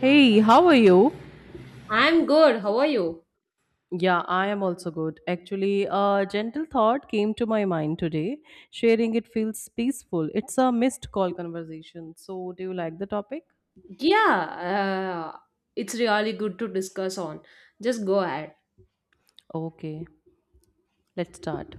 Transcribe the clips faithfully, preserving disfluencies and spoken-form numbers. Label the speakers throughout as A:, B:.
A: Hey, how are you?
B: I'm good. How are you?
A: Yeah, I am also good. Actually, a gentle thought came to my mind today. Sharing it feels peaceful. It's a missed call conversation. So, do you like the topic?
B: Yeah, uh, it's really good to discuss on. Just go ahead.
A: Okay, let's start.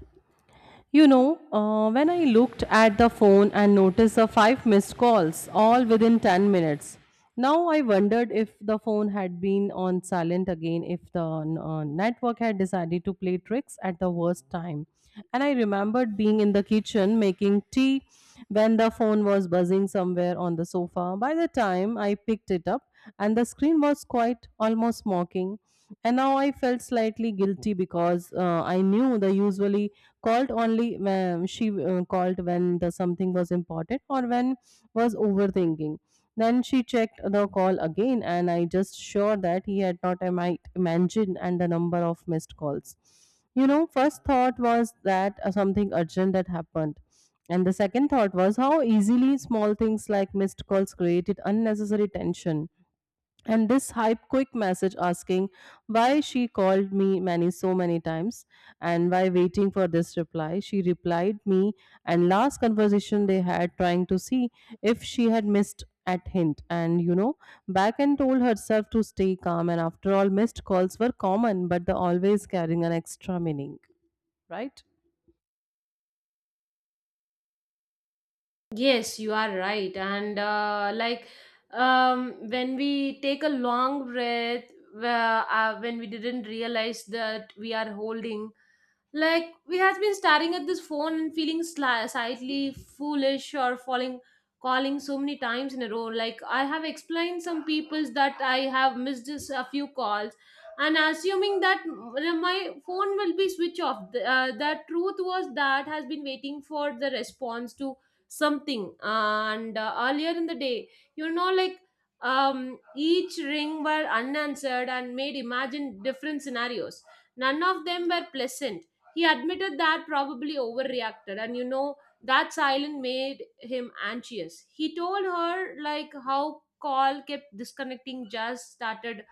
A: You know, uh, when I looked at the phone and noticed the five missed calls, all within ten minutes. Now I wondered if the phone had been on silent again, if the uh, network had decided to play tricks at the worst time. And I remembered being in the kitchen making tea when the phone was buzzing somewhere on the sofa. By the time I picked it up, and the screen was quite almost mocking, and now i felt slightly guilty because uh, i knew they usually called only when she uh, called when the something was important or when was overthinking. Then she checked the call again, and i just sure that he had not i might imagine, and the number of missed calls, you know first thought was that uh, something urgent that happened, and the second thought was how easily small things like missed calls created unnecessary tension. And this hype quick message asking why she called me many so many times, and why waiting for this reply, she replied me, and last conversation they had, trying to see if she had missed at hint, and you know back, and told herself to stay calm, and after all, missed calls were common, but they always carrying an extra meaning, right.
B: Yes, you are right. And uh, like um, When we take a long breath, where, uh, when we didn't realize that we are holding. Like we has been staring at this phone and feeling sli- slightly foolish or falling, calling so many times in a row. Like I have explained some peoples that I have missed just a few calls, and assuming that m- my phone will be switch off. The, uh, the truth was that has been waiting for the response to something, and uh, earlier in the day, you know, like um each ring were unanswered and made imagine different scenarios, none of them were pleasant. He admitted that probably overreacted, and you know, that silence made him anxious. He told her, like, how call kept disconnecting just started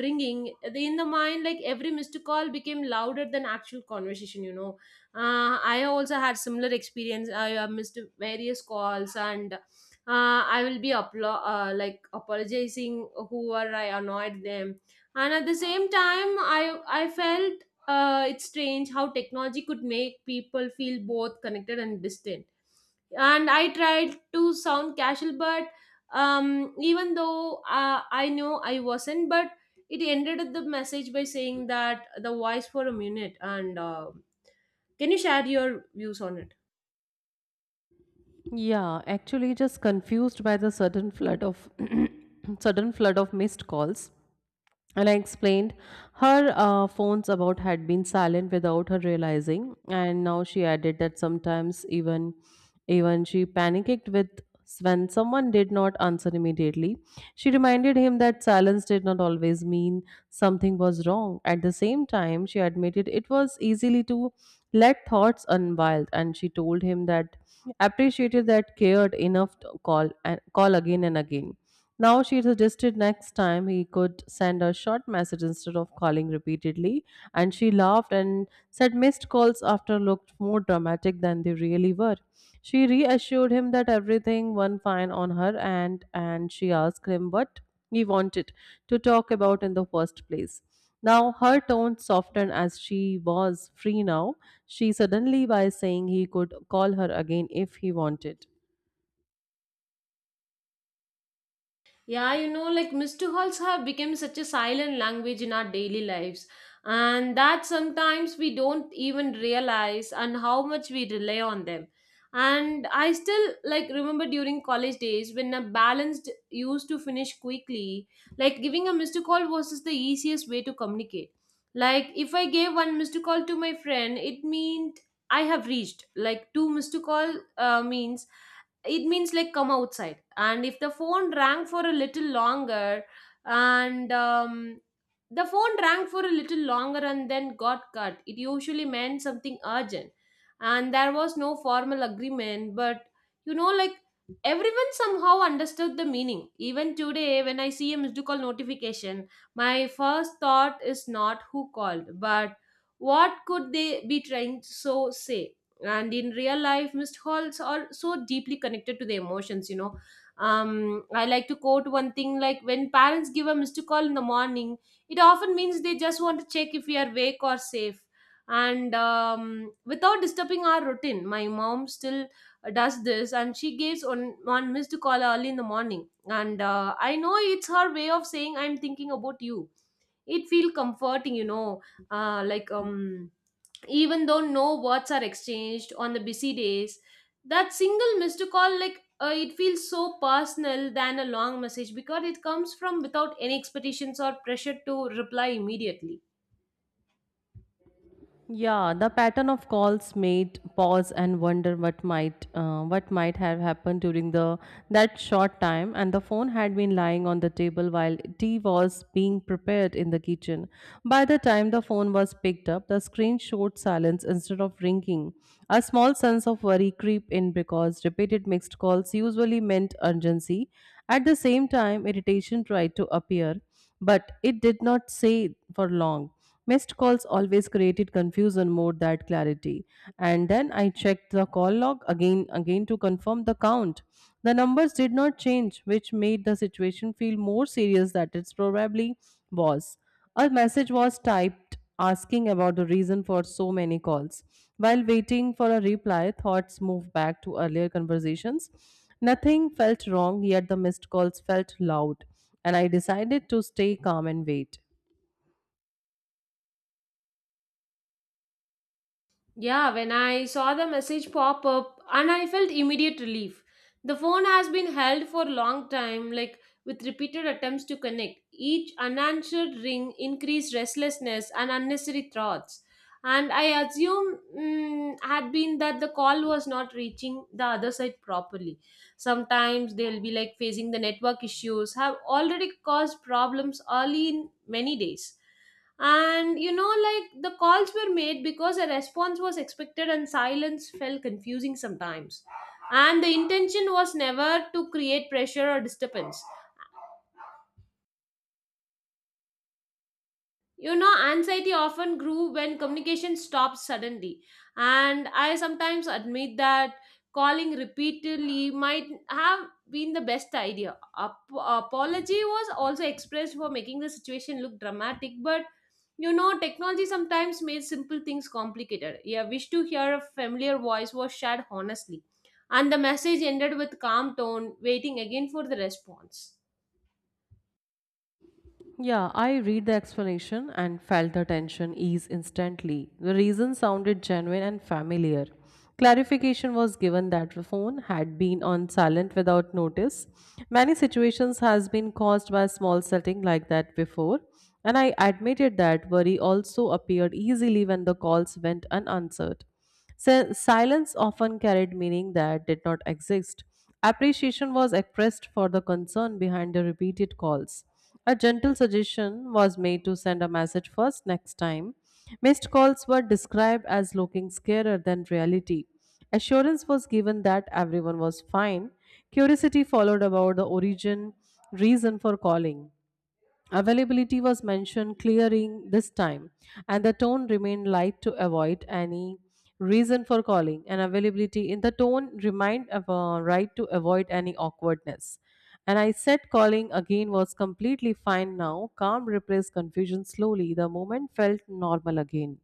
B: ringing they in the mind, like every missed call became louder than actual conversation. you know uh, I also had similar experience. I uh, missed various calls, and uh, i will be uplo- uh, like apologizing whoever I annoyed them. And at the same time, i i felt uh, it's strange how technology could make people feel both connected and distant. And I tried to sound casual, but um even though uh, I know I wasn't. But it ended the message by saying that the voice for a minute, and uh, can you share your views on it?
A: Yeah, actually just confused by the sudden flood of sudden flood of missed calls. And I explained her uh, phones about had been silent without her realizing, and now she added that sometimes even even she panicked with when someone did not answer immediately. She reminded him that silence did not always mean something was wrong. At the same time, she admitted it was easily to let thoughts run wild, and she told him that appreciated that cared enough to call and call again and again. Now she suggested next time he could send a short message instead of calling repeatedly, and she laughed and said missed calls after looked more dramatic than they really were. She reassured him that everything went fine on her, and and she asked him what he wanted to talk about in the first place. Now her tone softened as she was free now. She suddenly by saying he could call her again if he wanted.
B: Yeah, you know, like mister Halls have become such a silent language in our daily lives, and that sometimes we don't even realize and how much we rely on them. And I still like remember during college days when a balanced used to finish quickly, like giving a mister call was just the easiest way to communicate. Like if I gave one mister call to my friend, it meant I have reached. Like two mister call uh, means, it means like come outside. And if the phone rang for a little longer and um, the phone rang for a little longer and then got cut, it usually meant something urgent. And there was no formal agreement, but you know like everyone somehow understood the meaning. Even today, when I see a missed call notification, my first thought is not who called, but what could they be trying to so say. And in real life, missed calls are so deeply connected to the emotions. you know um I like to quote one thing. Like when parents give a missed call in the morning, it often means they just want to check if we are awake or safe, and um, without disturbing our routine. My mom still does this, and she gives on one missed call early in the morning, and uh, I know it's her way of saying I'm thinking about you. It feel comforting. you know uh, like um Even though no words are exchanged on the busy days, that single missed call, like uh, it feels so personal than a long message, because it comes from without any expectations or pressure to reply immediately.
A: Yeah, the pattern of calls made pause and wonder what might uh, what might have happened during the that short time, and the phone had been lying on the table while tea was being prepared in the kitchen. By the time the phone was picked up, the screen showed silence instead of ringing. A small sense of worry creep in because repeated mixed calls usually meant urgency. At the same time, irritation tried to appear, but it did not stay for long. Missed calls always created confusion more than clarity. And then I checked the call log again again to confirm the count. The numbers did not change, which made the situation feel more serious than it probably was. A message was typed asking about the reason for so many calls. While waiting for a reply, thoughts moved back to earlier conversations. Nothing felt wrong, yet the missed calls felt loud, and I decided to stay calm and wait.
B: Yeah, when I saw the message pop up and I felt immediate relief. The phone has been held for a long time, like with repeated attempts to connect. Each unanswered ring increased restlessness and unnecessary thoughts. And I assume mm, had been that the call was not reaching the other side properly. Sometimes they'll be like facing the network issues, have already caused problems early in many days. And you know, like the calls were made because a response was expected, and silence felt confusing sometimes. And the intention was never to create pressure or disturbance. You know, anxiety often grew when communication stopped suddenly. And I sometimes admit that calling repeatedly might have been the best idea. Ap- apology was also expressed for making the situation look dramatic, but you know, technology sometimes made simple things complicated. Yeah, wish to hear a familiar voice was shared honestly, and the message ended with calm tone waiting again for the response.
A: Yeah, I read the explanation and felt the tension ease instantly. The reason sounded genuine and familiar. Clarification was given that the phone had been on silent without notice. Many situations has been caused by small setting like that before, and I admitted that worry also appeared easily when the calls went unanswered. Si- silence often carried meaning that did not exist. Appreciation was expressed for the concern behind the repeated calls. A gentle suggestion was made to send a message first next time. Missed calls were described as looking scarier than reality. Assurance was given that everyone was fine. Curiosity followed about the origin, reason for calling. Availability was mentioned clearing this time, and the tone remained light to avoid any reason for calling. And availability in the tone remained uh, right to avoid any awkwardness. And I said calling again was completely fine now. Calm replaced confusion slowly. The moment felt normal again.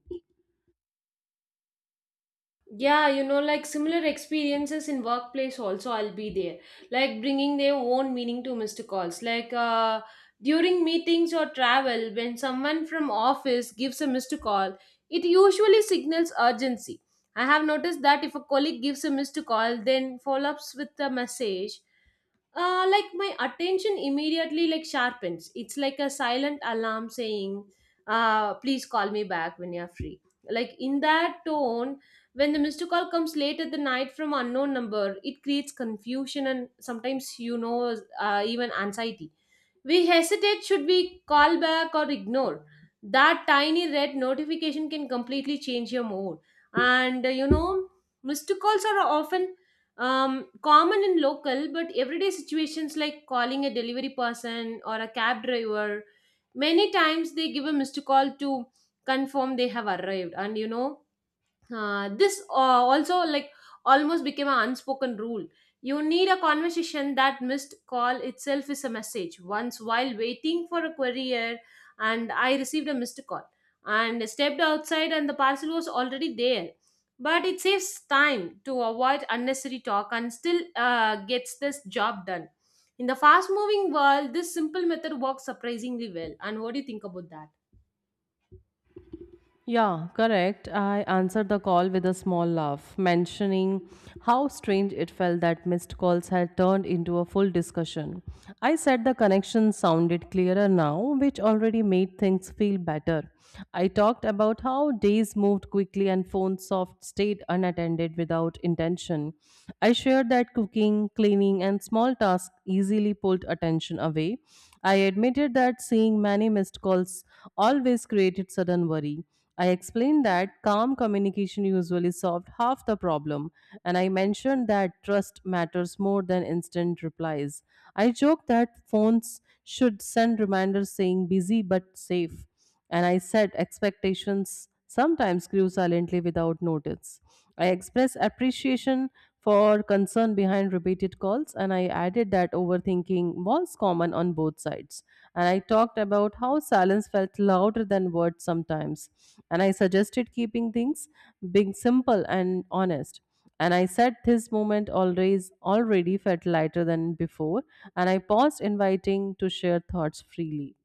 B: Yeah, you know, like similar experiences in workplace also I'll be there, like bringing their own meaning to missed calls. Like uh during meetings or travel, when someone from office gives a missed call, it usually signals urgency. I have noticed that if a colleague gives a missed call then follow ups with a message, uh, like my attention immediately like sharpens. It's like a silent alarm saying, uh, please call me back when you're free, like in that tone. When the missed call comes late at the night from unknown number, it creates confusion and sometimes, you know uh, even anxiety. We hesitate, should we call back or ignore. That tiny red notification can completely change your mood. And uh, you know, Missed calls are often um, common in local but everyday situations, like calling a delivery person or a cab driver. Many times they give a missed call to confirm they have arrived, and you know uh, this uh, also like almost became an unspoken rule. You need a conversation that missed call itself is a message. Once while waiting for a courier, and I received a missed call and stepped outside, and the parcel was already there. But it saves time to avoid unnecessary talk and still uh, gets this job done. In the fast moving world, this simple method works surprisingly well. And what do you think about that?
A: Yeah, correct. I answered the call with a small laugh, mentioning how strange it felt that missed calls had turned into a full discussion. I said the connection sounded clearer now, which already made things feel better. I talked about how days moved quickly and phone soft stayed unattended without intention. I shared that cooking, cleaning, and small tasks easily pulled attention away. I admitted that seeing many missed calls always created sudden worry. I explained that calm communication usually solved half the problem, and I mentioned that trust matters more than instant replies. I joked that phones should send reminders saying busy but safe, and I said expectations sometimes grew silently without notice. I expressed appreciation for concern behind repeated calls, and I added that overthinking was common on both sides. And I talked about how silence felt louder than words sometimes. And I suggested keeping things being simple and honest. And I said this moment always already felt lighter than before, and I paused, inviting to share thoughts freely.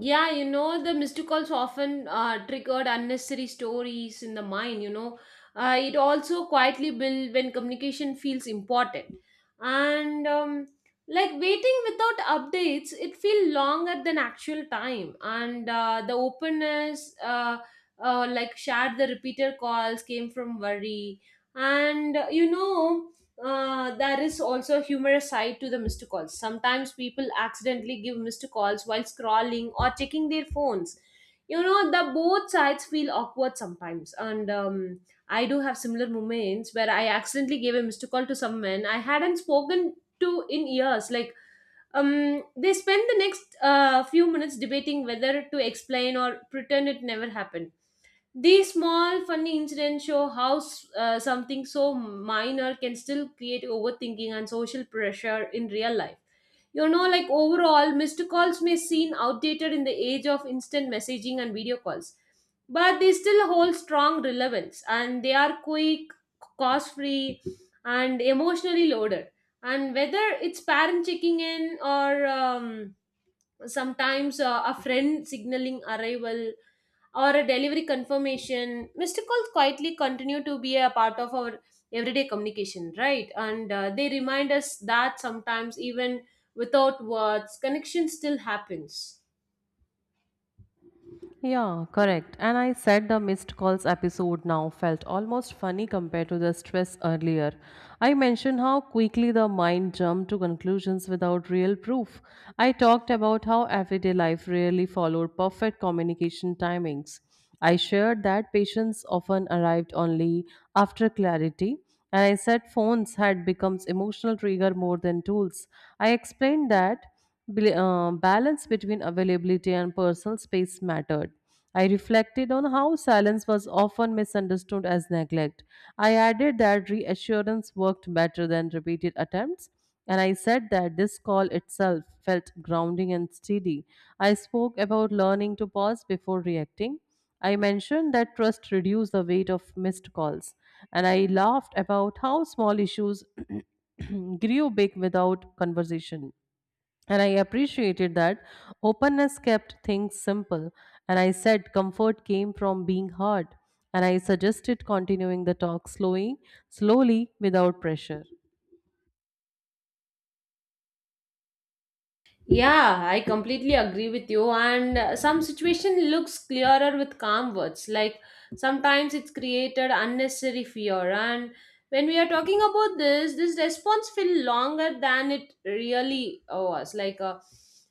B: Yeah, you know, the missed calls often uh, triggered unnecessary stories in the mind. you know. Uh, it also quietly builds when communication feels important. And um, like Waiting without updates, it feels longer than actual time. And uh, the openness, uh, uh, like shared the repeated calls came from worry. And uh, you know, uh, there is also a humorous side to the missed calls. Sometimes people accidentally give missed calls while scrolling or checking their phones. You know, the both sides feel awkward sometimes. And um, I do have similar moments where I accidentally gave a missed call to someone I hadn't spoken to in years. Like, um, they spend the next uh, few minutes debating whether to explain or pretend it never happened. These small funny incidents show how s- uh, something so minor can still create overthinking and social pressure in real life. You know, like overall, missed calls may seem outdated in the age of instant messaging and video calls, but they still hold strong relevance, and they are quick, cost free, and emotionally loaded. And whether it's parent checking in, or um, sometimes uh, a friend signaling arrival, or a delivery confirmation, missed calls quietly continue to be a part of our everyday communication, right? And uh, they remind us that sometimes, even without words, connection still happens.
A: Yeah, correct. And I said the missed calls episode now felt almost funny compared to the stress earlier. I mentioned how quickly the mind jumped to conclusions without real proof. I talked about how everyday life rarely followed perfect communication timings. I shared that patients often arrived only after clarity. And I said phones had become emotional trigger more than tools. I explained that Bl- uh, balance between availability and personal space mattered. I reflected on how silence was often misunderstood as neglect. I added that reassurance worked better than repeated attempts, and I said that this call itself felt grounding and steady. I spoke about learning to pause before reacting. I mentioned that trust reduced the weight of missed calls, and I laughed about how small issues grew big without conversation. And I appreciated that openness kept things simple. And I said comfort came from being heard. And I suggested continuing the talk slowly, slowly without pressure.
B: Yeah, I completely agree with you. And uh, some situation looks clearer with calm words. Like sometimes it's created unnecessary fear. And when we are talking about this, this response feel longer than it really was. Like uh,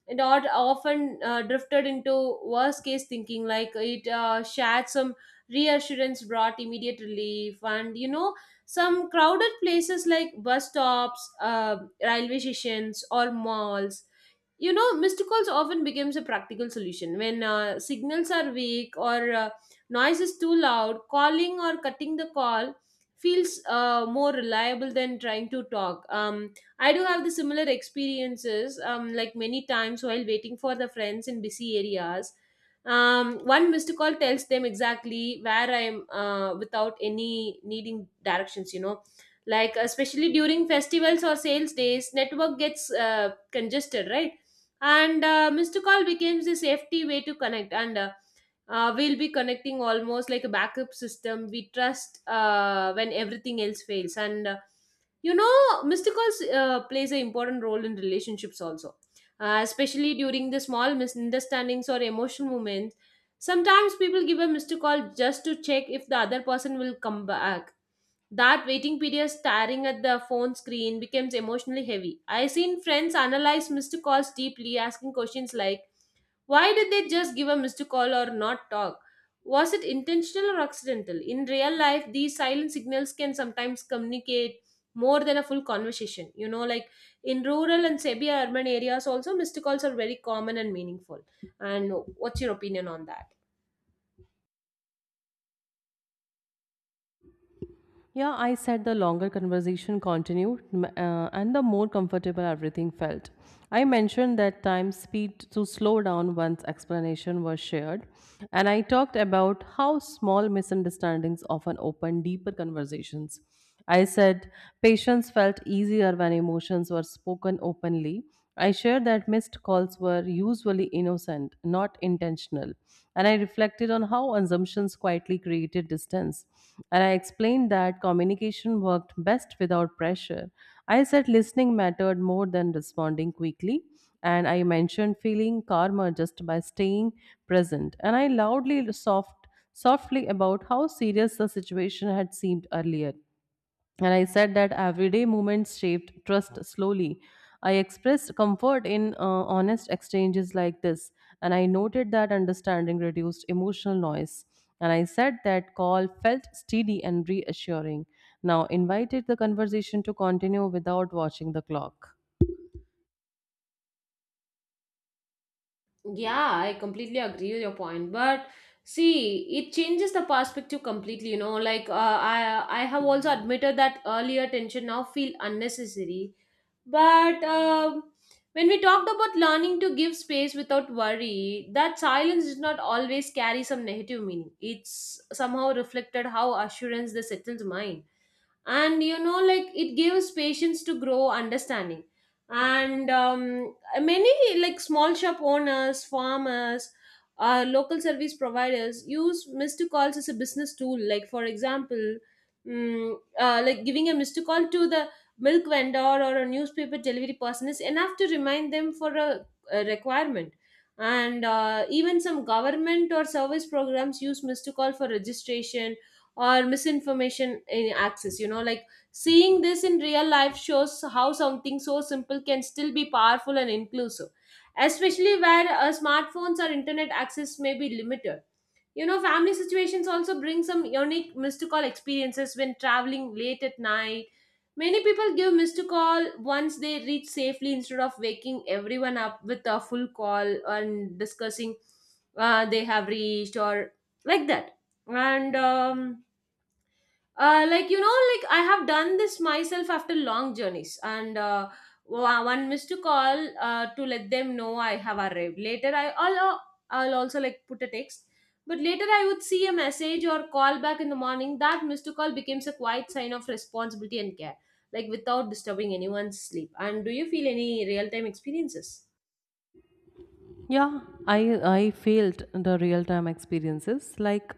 B: it ot- often uh, drifted into worst case thinking. Like it uh, shared some reassurance, brought immediate relief. And you know, some crowded places like bus stops, uh, railway stations, or malls, you know, missed calls often becomes a practical solution when uh, signals are weak, or uh, noise is too loud. Calling or cutting the call feels uh, more reliable than trying to talk. Um, I do have the similar experiences, um, like many times while waiting for the friends in busy areas. Um, one missed call tells them exactly where I am uh, without any needing directions. You know, like especially during festivals or sales days, network gets uh, congested, right? And uh, missed call becomes the safety way to connect, and uh, uh, we'll be connecting almost like a backup system we trust uh, when everything else fails. And uh, you know missed calls uh, plays an important role in relationships also, uh, especially during the small misunderstandings or emotional moments. Sometimes people give a missed call just to check if the other person will come back. That waiting period staring at the phone screen becomes emotionally heavy. I seen friends analyze missed calls deeply, asking questions like, why did they just give a missed call or not talk? Was it intentional or accidental? In real life, these silent signals can sometimes communicate more than a full conversation. You know, like in rural and semi urban areas, also missed calls are very common and meaningful. And what's your opinion on that?
A: Yeah, I said the longer conversation continued m- uh, and the more comfortable everything felt. I mentioned that time speed to slow down once explanation was shared, and I talked about how small misunderstandings often open deeper conversations. I said patients felt easier when emotions were spoken openly. I shared that missed calls were usually innocent, not intentional. And I reflected on how assumptions quietly created distance. And I explained that communication worked best without pressure. I said listening mattered more than responding quickly. And I mentioned feeling calmer just by staying present. And I loudly soft, softly about how serious the situation had seemed earlier, and I said that everyday moments shaped trust slowly. I expressed comfort in uh, honest exchanges like this, and I noted that understanding reduced emotional noise. And I said that call felt steady and reassuring. Now, invited the conversation to continue without watching the clock.
B: Yeah, I completely agree with your point. But see, it changes the perspective completely, you know. Like uh, I I have also admitted that earlier tension now feel unnecessary. But um, when we talked about learning to give space without worry, that silence does not always carry some negative meaning. It's somehow reflected how assurance the settles mind, and you know, like it gives patience to grow understanding. And um, uh, many, like small shop owners, farmers, uh, local service providers use missed calls as a business tool, like for example, mm, uh, like giving a missed call to the milk vendor or a newspaper delivery person is enough to remind them for a, a requirement. And uh, even some government or service programs use missed call for registration or misinformation in access, you know, like seeing this in real life shows how something so simple can still be powerful and inclusive, especially where uh, smartphones or internet access may be limited. You know, family situations also bring some unique missed call experiences when traveling late at night. Many people give missed call once they reach safely instead of waking everyone up with a full call and discussing uh, they have reached or like that. And um, uh, like you know, like I have done this myself after long journeys, and uh, wa- one missed call uh, to let them know I have arrived. Later i I'll, uh, I'll also like put a text, but later I would see a message or call back in the morning. That missed to call becomes a quiet sign of responsibility and care, like without disturbing anyone's sleep. And do you feel any real time experiences?
A: Yeah, I I felt the real-time experiences. Like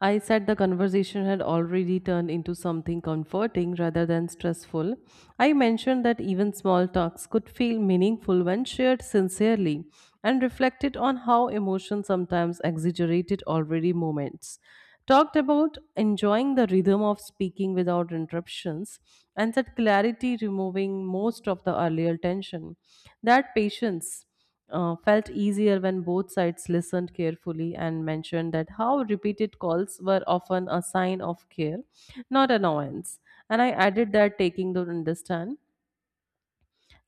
A: I said, the conversation had already turned into something comforting rather than stressful. I mentioned that even small talks could feel meaningful when shared sincerely, and reflected on how emotions sometimes exaggerated already moments. Talked about enjoying the rhythm of speaking without interruptions and that clarity removing most of the earlier tension. That patience uh, felt easier when both sides listened carefully, and mentioned that how repeated calls were often a sign of care, not annoyance. And I added that taking to understand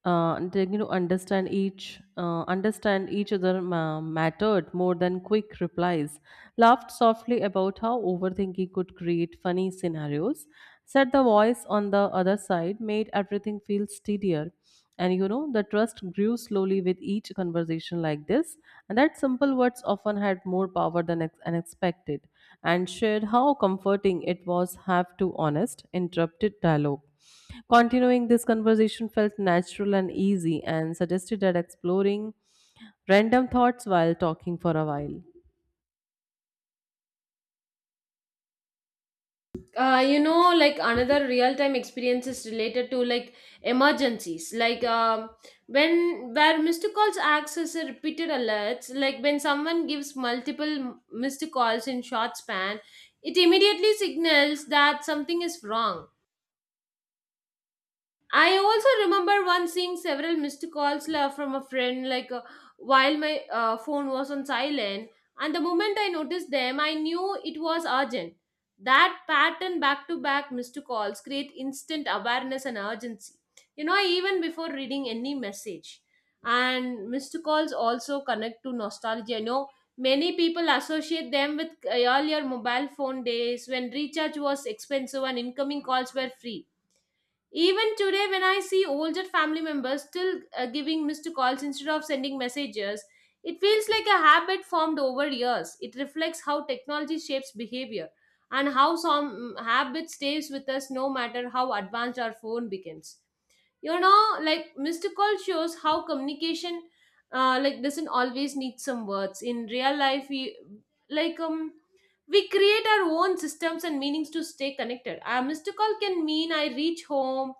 A: uh, they, you know understand each uh, understand each other ma- mattered more than quick replies, laughed softly about how overthinking could create funny scenarios, said the voice on the other side made everything feel steadier, and you know the trust grew slowly with each conversation like this, and that simple words often had more power than ex- unexpected, and shared how comforting it was have to honest interrupted dialogue. Continuing this conversation felt natural and easy, and suggested that exploring random thoughts while talking for a while.
B: uh, You know, like another real time experience is related to like emergencies, like um, when where missed calls acts as a repeated alerts, like when someone gives multiple missed calls in short span, it immediately signals that something is wrong. I also remember once seeing several missed calls la- from a friend, like uh, while my uh, phone was on silent. And the moment I noticed them, I knew it was urgent. That pattern, back to back missed calls, create instant awareness and urgency, you know, even before reading any message. And missed calls also connect to nostalgia. You know, many people associate them with uh, earlier mobile phone days when recharge was expensive and incoming calls were free. Even today, when I see older family members still uh, giving missed calls instead of sending messages, it feels like a habit formed over years. It reflects how technology shapes behavior and how some mm, habit stays with us no matter how advanced our phone becomes. You know, like missed call shows how communication uh, like doesn't always need some words. In real life, we like um we create our own systems and meanings to stay connected. A missed call can mean I reach home,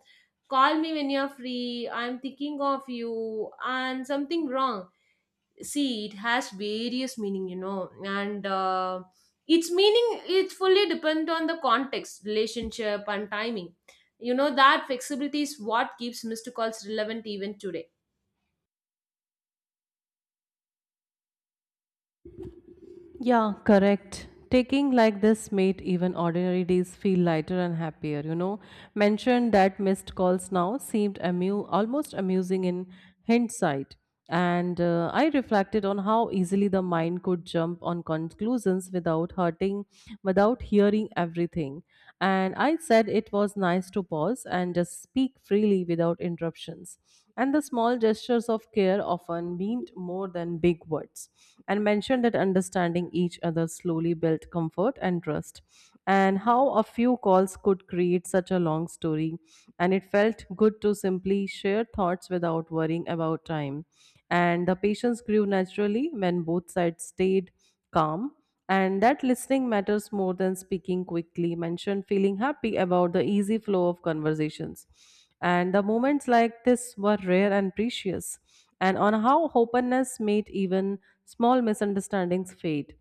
B: call me when you're free, I'm thinking of you, and something wrong. See, it has various meaning, you know, and uh, its meaning it fully depend on the context, relationship, and timing. You know, that flexibility is what keeps mister Calls relevant even today.
A: Yeah, correct. Taking like this made even ordinary days feel lighter and happier, you know. Mentioned that missed calls now seemed amu- almost amusing in hindsight. And uh, I reflected on how easily the mind could jump on conclusions without hurting, without hearing everything. And I said it was nice to pause and just speak freely without interruptions. And the small gestures of care often meant more than big words, and mentioned that understanding each other slowly built comfort and trust. And how a few calls could create such a long story, and it felt good to simply share thoughts without worrying about time. And the patience grew naturally when both sides stayed calm, and that listening matters more than speaking quickly. Mention feeling happy about the easy flow of conversations. And the moments like this were rare and precious. And on how openness made even small misunderstandings fade.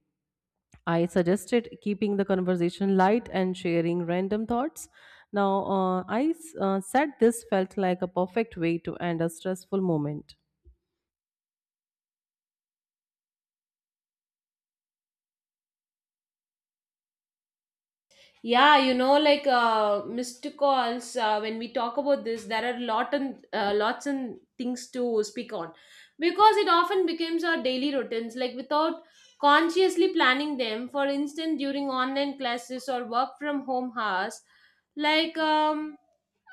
A: I suggested keeping the conversation light and sharing random thoughts. Now, uh, I s- uh, said this felt like a perfect way to end a stressful moment.
B: Yeah, you know, like uh, missed calls. Uh, when we talk about this, there are lot and uh, lots and things to speak on, because it often becomes our daily routines. Like without consciously planning them, for instance, during online classes or work from home hours, like um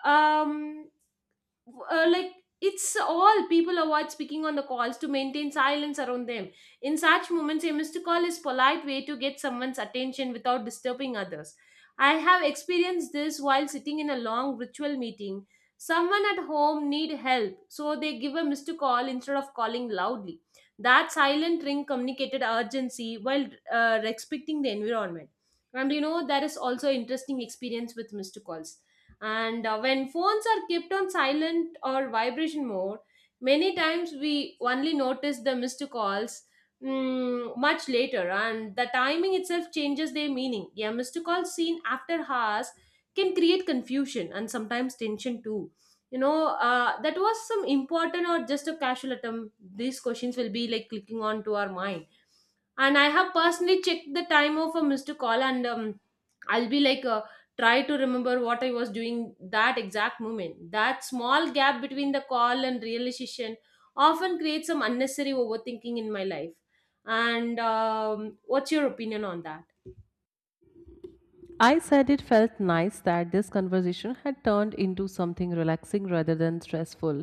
B: um uh, like it's all people avoid speaking on the calls to maintain silence around them. In such moments, a missed call is polite way to get someone's attention without disturbing others. I have experienced this while sitting in a long ritual meeting. Someone at home need help, so they give a missed call instead of calling loudly. That silent ring communicated urgency while uh, respecting the environment. And you know, there is also interesting experience with missed calls. And uh, when phones are kept on silent or vibration mode, many times we only notice the missed calls mm, much later, and the timing itself changes their meaning. Yeah, missed call seen after hours can create confusion and sometimes tension too. You know, uh, that was some important or just a casual attempt, these questions will be like clicking on to our mind. And I have personally checked the time of a missed call, and um, I'll be like uh, try to remember what I was doing that exact moment. That small gap between the call and realization often creates some unnecessary overthinking in my life. And um, what's your opinion on that?
A: I said it felt nice that this conversation had turned into something relaxing rather than stressful.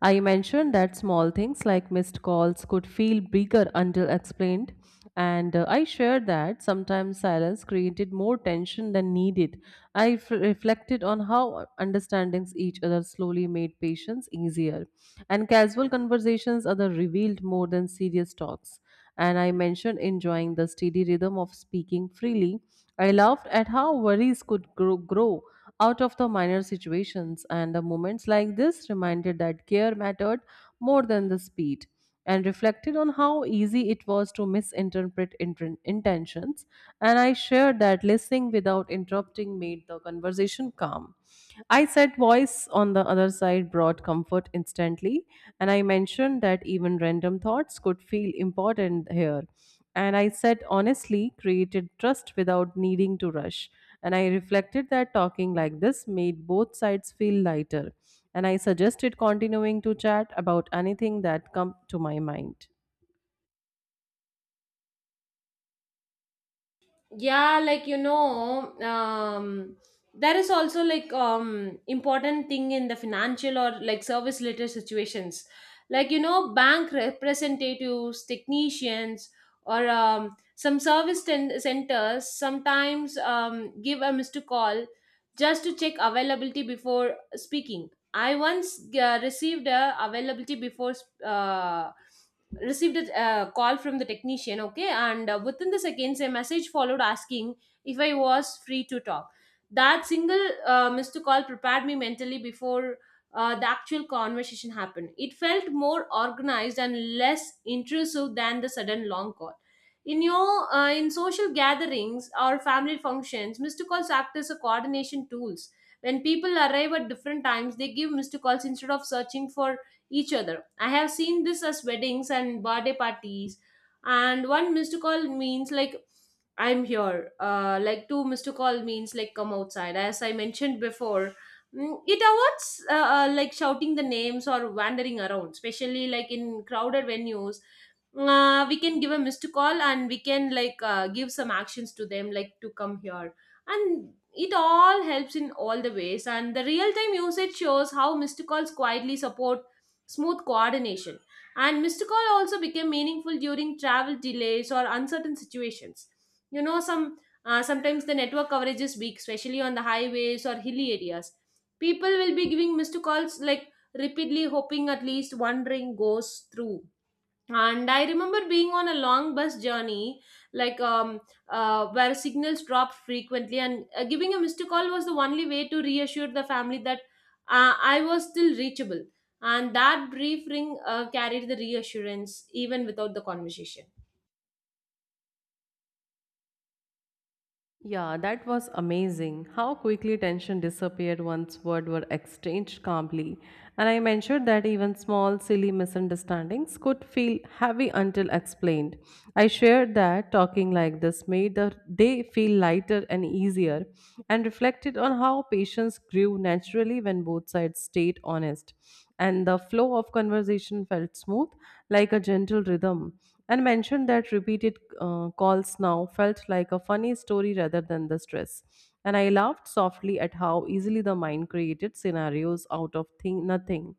A: I mentioned that small things like missed calls could feel bigger until explained, and uh, I shared that sometimes silence created more tension than needed. I f- reflected on how understanding each other slowly made patience easier, and casual conversations are revealed more than serious talks, and I mentioned enjoying the steady rhythm of speaking freely. I laughed at how worries could grow, grow out of the minor situations, and the moments like this reminded that care mattered more than the speed, and reflected on how easy it was to misinterpret inten- intentions. And I shared that listening without interrupting made the conversation calm. I said voice on the other side brought comfort instantly, and I mentioned that even random thoughts could feel important here. And I said honestly created trust without needing to rush. And I reflected that talking like this made both sides feel lighter. And I suggested continuing to chat about anything that come to my mind.
B: Yeah, like you know, um there is also like um important thing in the financial or like service related situations, like you know, bank representatives, technicians, or um, some service ten- centers sometimes um, give a missed call just to check availability before speaking. I once uh, received a availability before uh, received a uh, call from the technician, okay, and uh, within the seconds a message followed asking if I was free to talk. That single uh, missed call prepared me mentally before uh, the actual conversation happened. It felt more organized and less intrusive than the sudden long call. In your uh, in social gatherings or family functions, missed calls act as a coordination tools. When people arrive at different times, they give missed calls instead of searching for each other. I have seen this as weddings and birthday parties, and one missed call means like I'm here. Uh, like two missed call means like come outside. As I mentioned before, Mm, it avoids uh, uh, like shouting the names or wandering around, especially like in crowded venues. Uh, we can give a missed call and we can like uh, give some actions to them, like to come here, and it all helps in all the ways. And the real time usage shows how missed calls quietly support smooth coordination. And missed call also became meaningful during travel delays or uncertain situations. You know, some uh, sometimes the network coverage is weak, especially on the highways or hilly areas. People will be giving missed calls like repeatedly, hoping at least one ring goes through. And I remember being on a long bus journey, like um uh, where signals dropped frequently, and uh, giving a missed call was the only way to reassure the family that uh, I was still reachable. And that brief ring uh, carried the reassurance even without the conversation.
A: Yeah, that was amazing. How quickly tension disappeared once words were exchanged calmly. And I mentioned that even small, silly misunderstandings could feel heavy until explained. I shared that talking like this made the day feel lighter and easier, and reflected on how patience grew naturally when both sides stayed honest. And the flow of conversation felt smooth, like a gentle rhythm, and mentioned that repeated uh, calls now felt like a funny story rather than the stress. And I laughed softly at how easily the mind created scenarios out of thing, nothing.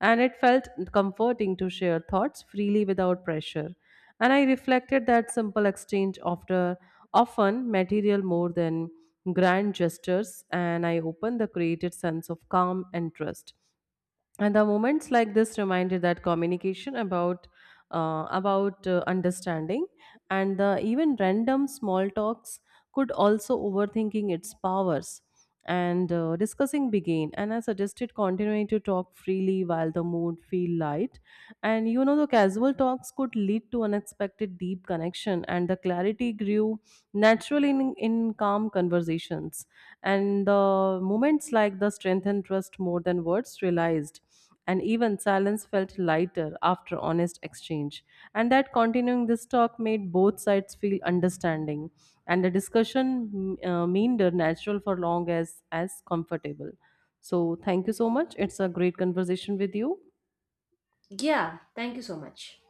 A: And it felt comforting to share thoughts freely without pressure. And I reflected that simple exchange after often material more than grand gestures. And I opened the created sense of calm and trust, and the moments like this reminded that communication about uh, about uh, understanding, and the even random small talks could also overthinking its powers, and uh, discussing began, and I suggested continuing to talk freely while the mood feel light, and you know the casual talks could lead to unexpected deep connection, and the clarity grew naturally in, in calm conversations. And the moments like the strength and trust more than words realized. And even silence felt lighter after honest exchange. And that continuing this talk made both sides feel understanding. And the discussion mm, uh, meander natural for long as as comfortable. So thank you so much. It's a great conversation with you.
B: Yeah, thank you so much.